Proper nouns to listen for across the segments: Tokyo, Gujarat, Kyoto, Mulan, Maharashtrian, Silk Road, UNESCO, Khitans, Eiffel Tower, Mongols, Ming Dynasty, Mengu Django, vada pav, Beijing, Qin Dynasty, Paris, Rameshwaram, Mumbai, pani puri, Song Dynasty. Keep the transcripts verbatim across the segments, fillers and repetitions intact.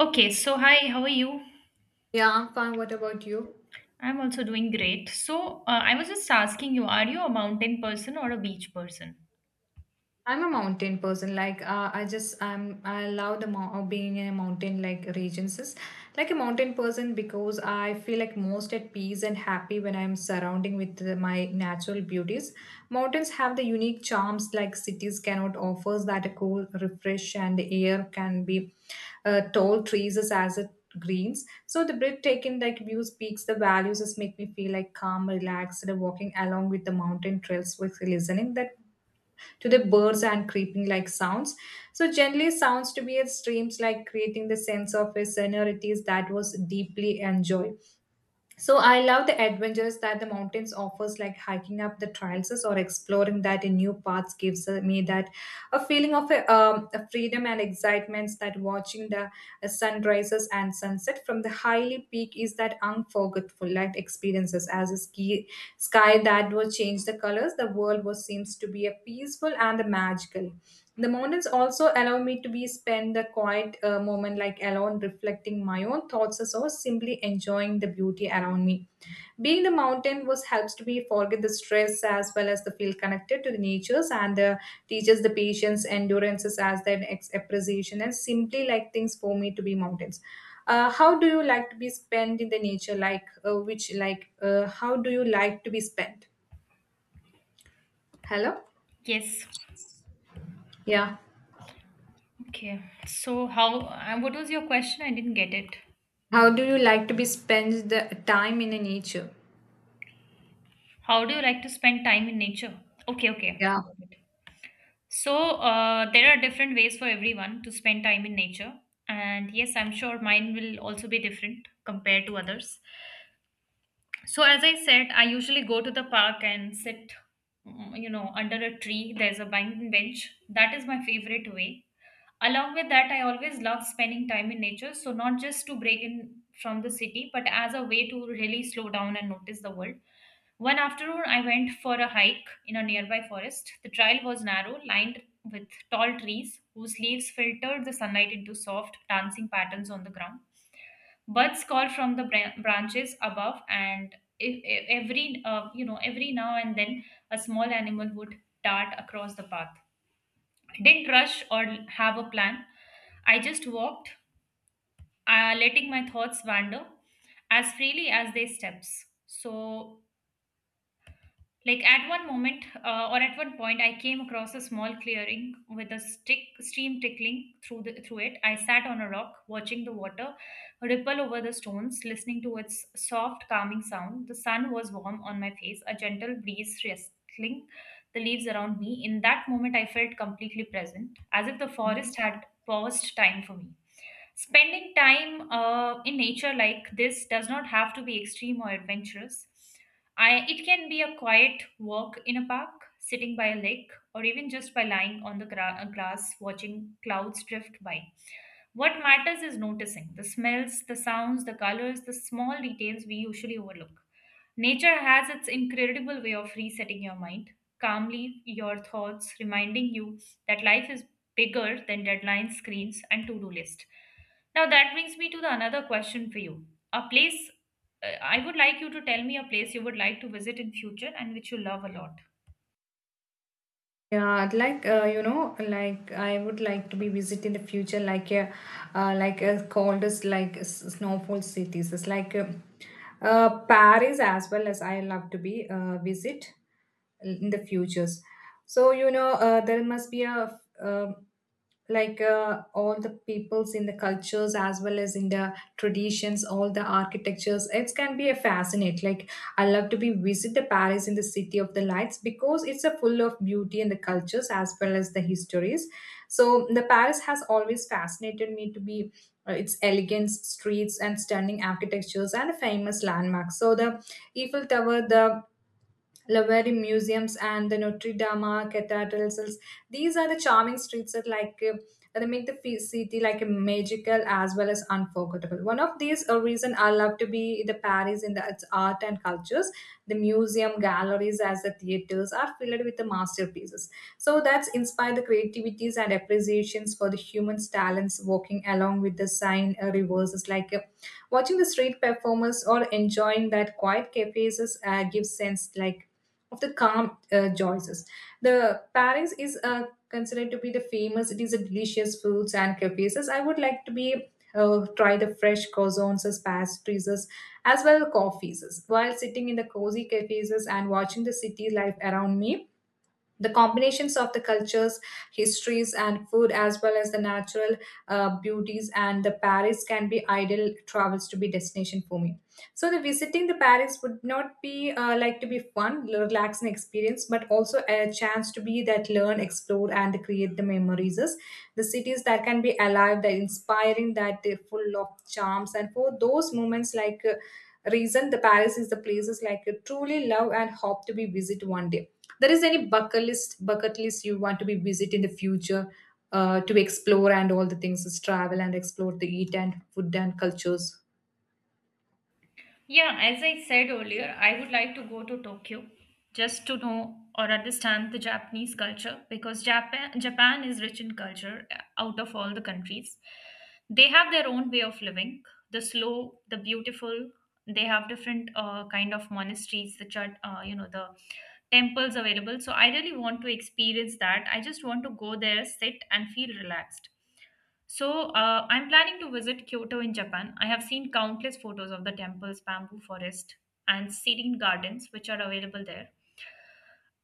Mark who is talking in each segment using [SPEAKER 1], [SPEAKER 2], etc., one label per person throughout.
[SPEAKER 1] Okay, so hi, how are you?
[SPEAKER 2] Yeah, I'm fine. What about you?
[SPEAKER 1] I'm also doing great. So, uh, I was just asking you, are you a mountain person or a beach person?
[SPEAKER 2] I'm a mountain person. Like uh, I just I'm I love the mo- uh, being in a mountain like regions. is- Like a mountain person because I feel like most at peace and happy when I'm surrounding with the- my natural beauties. Mountains have the unique charms like cities cannot offer that a cool refresh and the air can be uh, tall trees is as it greens. So the breathtaking like views peaks the values just make me feel like calm, relaxed, and walking along with the mountain trails with listening that to the birds and creeping like sounds. So generally, sounds to be at streams like creating the sense of a sonorities that was deeply enjoyed. So I love the adventures that the mountains offers, like hiking up the trails or exploring that in new paths gives uh, me that a feeling of a, um, a freedom and excitement. That watching the uh, sunrises and sunset from the highly peak is that unforgettable like experiences as a ski sky that will change the colors. The world was seems to be a peaceful and the magical. The mountains also allow me to be spend the quiet uh, moment like alone reflecting my own thoughts or simply enjoying the beauty around me. Being the mountain was helps to be forget the stress as well as the feel connected to the natures and uh, teaches the patience, endurances as that ex- appreciation and simply like things for me to be mountains. Uh, how do you like to be spent in the nature? Like uh, which like uh, how do you like to be spent? Hello,
[SPEAKER 1] Yes.
[SPEAKER 2] yeah.
[SPEAKER 1] Okay. So, how, uh, what was your question? I didn't get it.
[SPEAKER 2] How do you like to be spend the time in the nature?
[SPEAKER 1] How do you like to spend time in nature? Okay, okay.
[SPEAKER 2] Yeah.
[SPEAKER 1] Got it. So, uh, there are different ways for everyone to spend time in nature. And yes, I'm sure mine will also be different compared to others. So, as I said, I usually go to the park and sit, mm, you know, under a tree. There's a bank bench. That is my favorite way. Along with that, I always love spending time in nature. So, not just to break in from the city, but as a way to really slow down and notice the world. One afternoon, I went for a hike in a nearby forest. The trail was narrow, lined with tall trees whose leaves filtered the sunlight into soft, dancing patterns on the ground. Buds call from the bran- branches above, and e- e- every uh, you know every now and then a small animal would dart across the path. I didn't rush or have a plan. I just walked, uh, letting my thoughts wander as freely as they steps. So Like at one moment uh, or at one point, I came across a small clearing with a stick stream trickling through the, through it. I sat on a rock, watching the water ripple over the stones, listening to its soft, calming sound. The sun was warm on my face, a gentle breeze rustling the leaves around me. In that moment, I felt completely present, as if the
[SPEAKER 2] Mhm.
[SPEAKER 1] forest had paused time for me. Spending time uh, in nature like this does not have to be extreme or adventurous. I, it can be a quiet walk in a park, sitting by a lake, or even just by lying on the gra- uh, grass watching clouds drift by. What matters is noticing the smells, the sounds, the colors, the small details we usually overlook. Nature has its incredible way of resetting your mind, calmly your thoughts, reminding you that life is bigger than deadlines, screens, and to do list. Now that brings me to the another question for you. A place uh, I would like you to tell me a place you would like to visit in future and which you love a lot.
[SPEAKER 2] Yeah, I'd like uh, you know, like I would like to be visit in the future, like a, uh, like a coldest like s- snowfall cities. It's like uh, uh, Paris as well as I love to be uh, visit in the futures. So you know, uh, there must be a um like uh, all the peoples in the cultures as well as in the traditions, all the architectures it can be a fascinate like. I love to be visit the Paris in the city of the lights, because it's a full of beauty and the cultures as well as the histories. So the Paris has always fascinated me to be uh, its elegant streets and stunning architectures and famous landmarks. So the Eiffel Tower, the Louvre museums, and the Notre Dame cathedrals. These are the charming streets that like uh, that make the fe- city like a magical as well as unforgettable. One of these a reason I love to be the Paris in the its art and cultures. The museum galleries as the theaters are filled with the masterpieces. So that's inspired the creativities and appreciations for the human's talents walking along with the Seine uh, rivers is like uh, watching the street performers or enjoying that quiet cafes uh, gives sense like of the calm uh, choices. The Paris is uh, considered to be the famous. It is a delicious foods and cafes. I would like to be uh, try the fresh croissants, as pastries, as as well coffees. While sitting in the cozy cafes and watching the city life around me, the combinations of the cultures, histories, and food as well as the natural uh, beauties and the Paris can be ideal travels to be destination for me. So the visiting the Paris would not be uh, like to be fun relaxing experience, but also a chance to be that learn, explore, and create the memories. The cities that can be alive, that inspiring, that they're full of charms, and for those moments like uh, reason the Paris is the places like you truly love and hope to be visit one day. There is any bucket list bucket list you want to be visit in the future, uh, to explore and all the things is travel and explore the eat and food and cultures.
[SPEAKER 1] Yeah, as I said earlier, I would like to go to Tokyo just to know or understand the Japanese culture because Japan Japan is rich in culture uh, out of all the countries. They have their own way of living, the slow, the beautiful. They have different uh, kind of monasteries, the church, uh, you know, the temples available. So I really want to experience that. I just want to go there, sit and feel relaxed. So, uh, I'm planning to visit Kyoto in Japan. I have seen countless photos of the temples, bamboo forest, and serene gardens which are available there.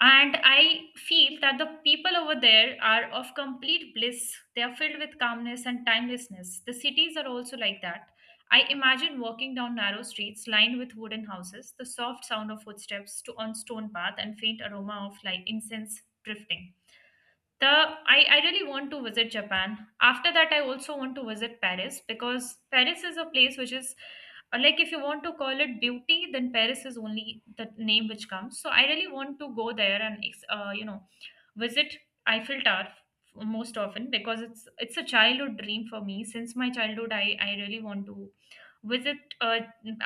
[SPEAKER 1] And I feel that the people over there are of complete bliss. They are filled with calmness and timelessness. The cities are also like that. I imagine walking down narrow streets lined with wooden houses, the soft sound of footsteps to on stone path, and faint aroma of like incense drifting the I, I really want to visit Japan. After that, I also want to visit Paris because Paris is a place which is uh, like if you want to call it beauty, then Paris is only the name which comes. So I really want to go there and ex- uh, you know visit Eiffel Tower f- most often because it's it's a childhood dream for me. Since my childhood, i i really want to visit uh,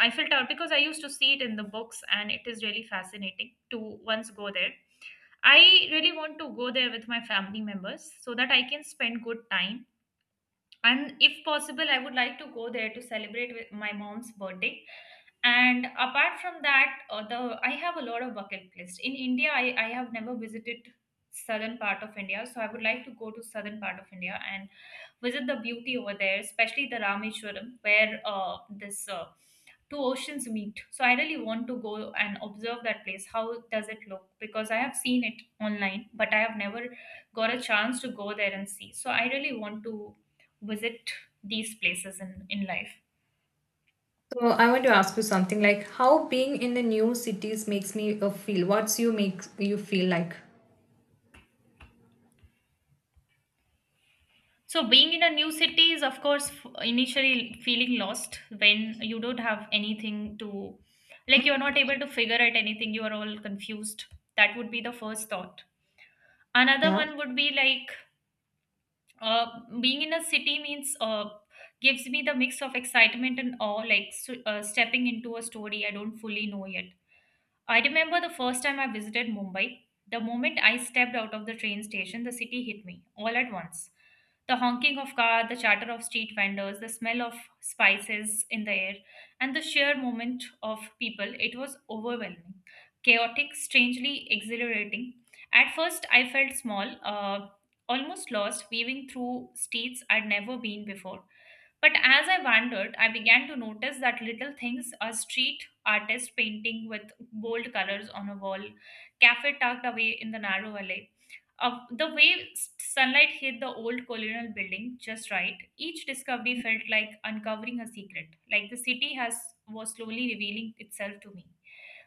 [SPEAKER 1] Eiffel Tower because I used to see it in the books, and it is really fascinating to once go there. I really want to go there with my family members so that I can spend good time, and if possible, I would like to go there to celebrate with my mom's birthday. And apart from that uh, the I have a lot of bucket list in India. I, I have never visited southern part of India, so I would like to go to southern part of India and visit the beauty over there, especially the Rameshwaram, where uh, this uh, two oceans meet. So I really want to go and observe that place, how does it look, because I have seen it online, but I have never got a chance to go there and see. So I really want to visit these places in, in life.
[SPEAKER 2] So I want to ask you something like, how being in the new cities makes me uh, feel? What's you make you feel like?
[SPEAKER 1] So, being in a new city is, of course, f- initially feeling lost when you don't have anything to, like, you're not able to figure out anything, you are all confused. That would be the first thought. Another
[SPEAKER 2] Yeah.
[SPEAKER 1] one would be like uh, being in a city means uh, gives me the mix of excitement and awe, like so, uh, stepping into a story I don't fully know yet. I remember the first time I visited Mumbai. The moment I stepped out of the train station, the city hit me all at once. The honking of cars, the chatter of street vendors, the smell of spices in the air, and the sheer movement of people, it was overwhelming. Chaotic, strangely exhilarating. At first, I felt small, uh, almost lost, weaving through streets I'd never been before. But as I wandered, I began to notice that little things, a street artist painting with bold colors on a wall, cafe tucked away in the narrow alley, uh, the way s- sunlight hit the old colonial building just right. Each discovery felt like uncovering a secret, like the city has was slowly revealing itself to me,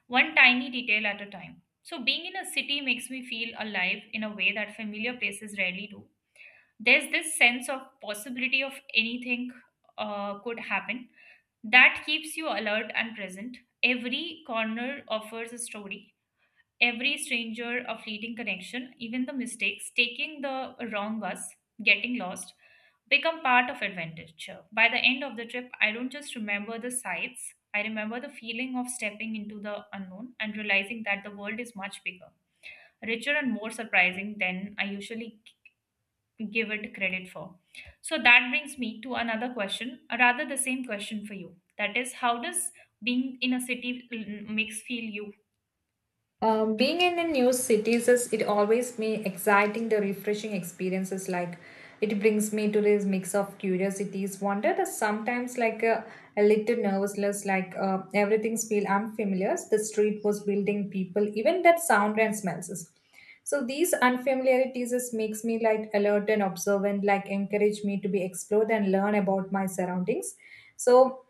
[SPEAKER 1] one tiny detail at a time. So being in a city makes me feel alive in a way that familiar places rarely do. There's this sense of possibility of anything uh, could happen, that keeps you alert and present. Every corner offers a story, every stranger a fleeting connection. Even the mistakes, taking the wrong bus, getting lost, become part of adventure. By the end of the trip, I don't just remember the sights, I remember the feeling of stepping into the unknown, and realizing that the world is much bigger, richer and more surprising than I usually give it credit for. So that brings me to another question, or rather the same question for you. That is, how does being in a city l- makes feel you?
[SPEAKER 2] Um, being in a new city is it always me exciting, the refreshing experiences. Like it brings me to this mix of curiosities, wonder, and sometimes like a, a little nervousness. Like uh, everything's feel unfamiliar, the street was building, people, even that sound and smells is- so these unfamiliarities is makes me like alert and observant, like encourage me to be explored and learn about my surroundings. So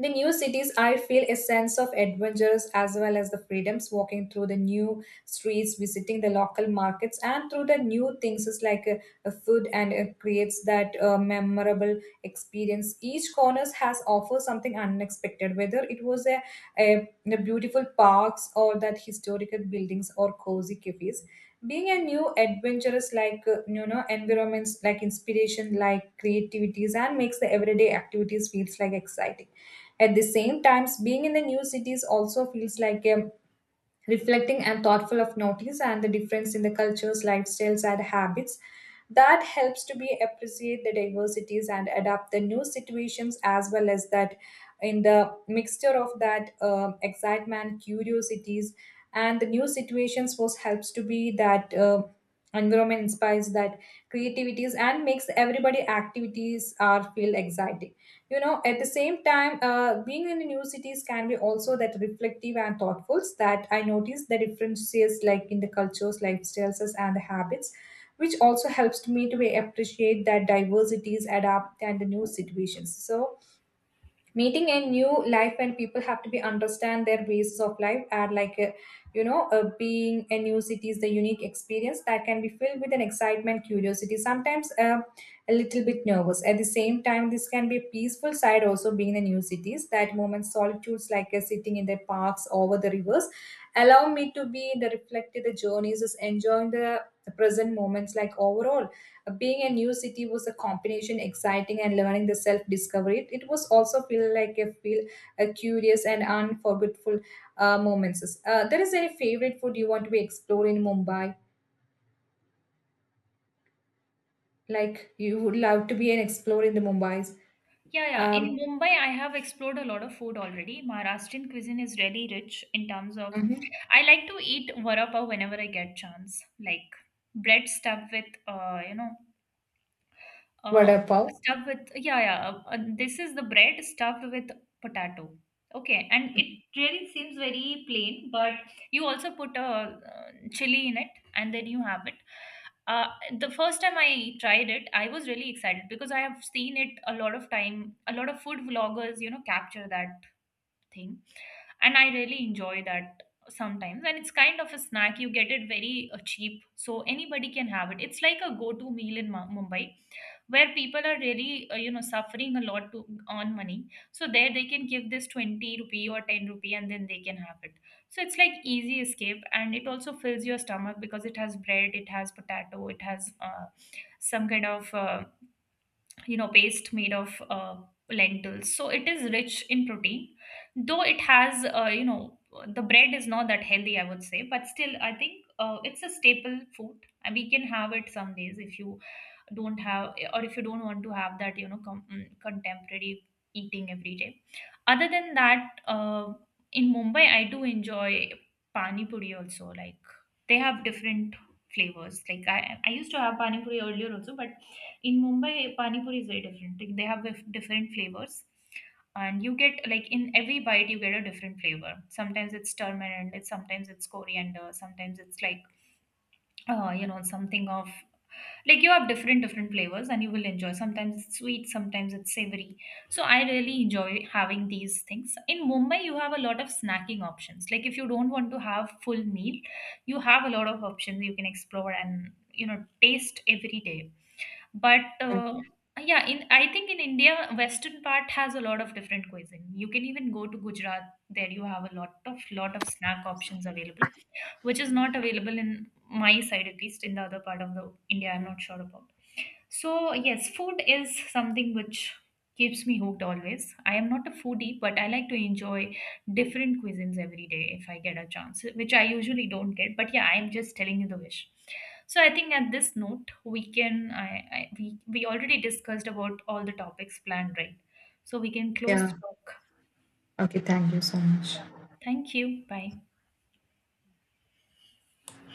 [SPEAKER 2] the new cities, I feel a sense of adventures as well as the freedoms, walking through the new streets, visiting the local markets, and through the new things is like a, a food, and it creates that uh, memorable experience. Each corner has offers something unexpected, whether it was a, a, the beautiful parks or that historical buildings or cozy cafes. Being a new adventurous like uh, you know environments, like inspiration like creativities, and makes the everyday activities feels like exciting. At the same times, being in the new cities also feels like a reflecting and thoughtful of notice and the difference in the cultures, lifestyles, and habits. That helps to be appreciate the diversities and adapt the new situations as well as that in the mixture of that um excitement, curiosities, and the new situations was helps to be that uh, environment inspires that creativities and makes everybody activities are feel exciting. You know, at the same time uh, being in the new cities can be also that reflective and thoughtful, that I notice the differences like in the cultures, lifestyles, and the habits, which also helps to me to appreciate that diversities, adapt, and the new situations. So meeting a new life and people have to be understand their basis of life, and like uh, you know uh, being a new city is the unique experience that can be filled with an excitement, curiosity, sometimes uh, a little bit nervous. At the same time this can be a peaceful side also. Being in the new cities, that moment solitudes like uh, sitting in the parks over the rivers allow me to be in the reflective, the journeys is enjoying the present moments. Like overall, being a new city was a combination exciting and learning the self discovery. It, it was also feel like a feel a curious and unforgettable uh, moments. Uh, there is any favorite food you want to be explored in Mumbai, like you would love to be an explorer in the Mumbais?
[SPEAKER 1] Yeah, yeah.
[SPEAKER 2] Um.
[SPEAKER 1] In Mumbai, I have explored a lot of food already. Maharashtrian cuisine is really rich in terms of.
[SPEAKER 2] Mhm.
[SPEAKER 1] I like to eat vada pav whenever I get chance, like bread stuffed with, uh, you know,
[SPEAKER 2] Vada
[SPEAKER 1] Uh,
[SPEAKER 2] pav?
[SPEAKER 1] stuffed with, yeah, yeah. Uh, uh, this is the bread stuffed with potato. Okay, and it really seems very plain, but you also put a uh, chili in it, and then you have it. Uh, the first time I tried it, I was really excited because I have seen it a lot of time. A lot of food vloggers, you know, capture that thing, and I really enjoy that sometimes. And it's kind of a snack, you get it very uh, cheap, so anybody can have it. It's like a go to meal in Ma- Mumbai, where people are really uh, you know suffering a lot to earn money. So there they can give this twenty rupee or ten rupee, and then they can have it. So it's like easy escape, and it also fills your stomach because it has bread, it has potato, it has uh, some kind of uh, you know paste made of uh, lentils, so it is rich in protein, though it has uh, you know the bread is not that healthy, I would say. But still I think uh, it's a staple food, and we can have it some days if you don't have or if you don't want to have that, you know, com- mm, contemporary eating every day. Other than that uh, in Mumbai I do enjoy pani puri also, like they have different flavors, like i i used to have pani puri earlier also, but in Mumbai, pani puri is very different. Like, they have dif- different flavors, and you get like in every bite you get a different flavor. Sometimes it's turmeric, it's sometimes it's coriander, sometimes it's like uh, you know something of like you have different different flavors, and you will enjoy. Sometimes it's sweet, sometimes it's savory. So I really enjoy having these things. In Mumbai, you have a lot of snacking options. Like if you don't want to have full meal, you have a lot of options you can explore and you know taste every day, but uh, yeah, in I think in India, western part has a lot of different cuisine. You can even go to Gujarat. There you have a lot of lot of snack options available, which is not available in my side at least. In the other part of the India, I'm not sure about. So, yes, food is something which keeps me hooked always. I am not a foodie, but I like to enjoy different cuisines every day if I get a chance, which I usually don't get. But yeah, I'm just telling you the wish. So I think at this note, we can I, I we we already discussed about all the topics planned, right? So we can close
[SPEAKER 2] Yeah.
[SPEAKER 1] the talk.
[SPEAKER 2] Okay, thank you so much.
[SPEAKER 1] Thank you. Bye.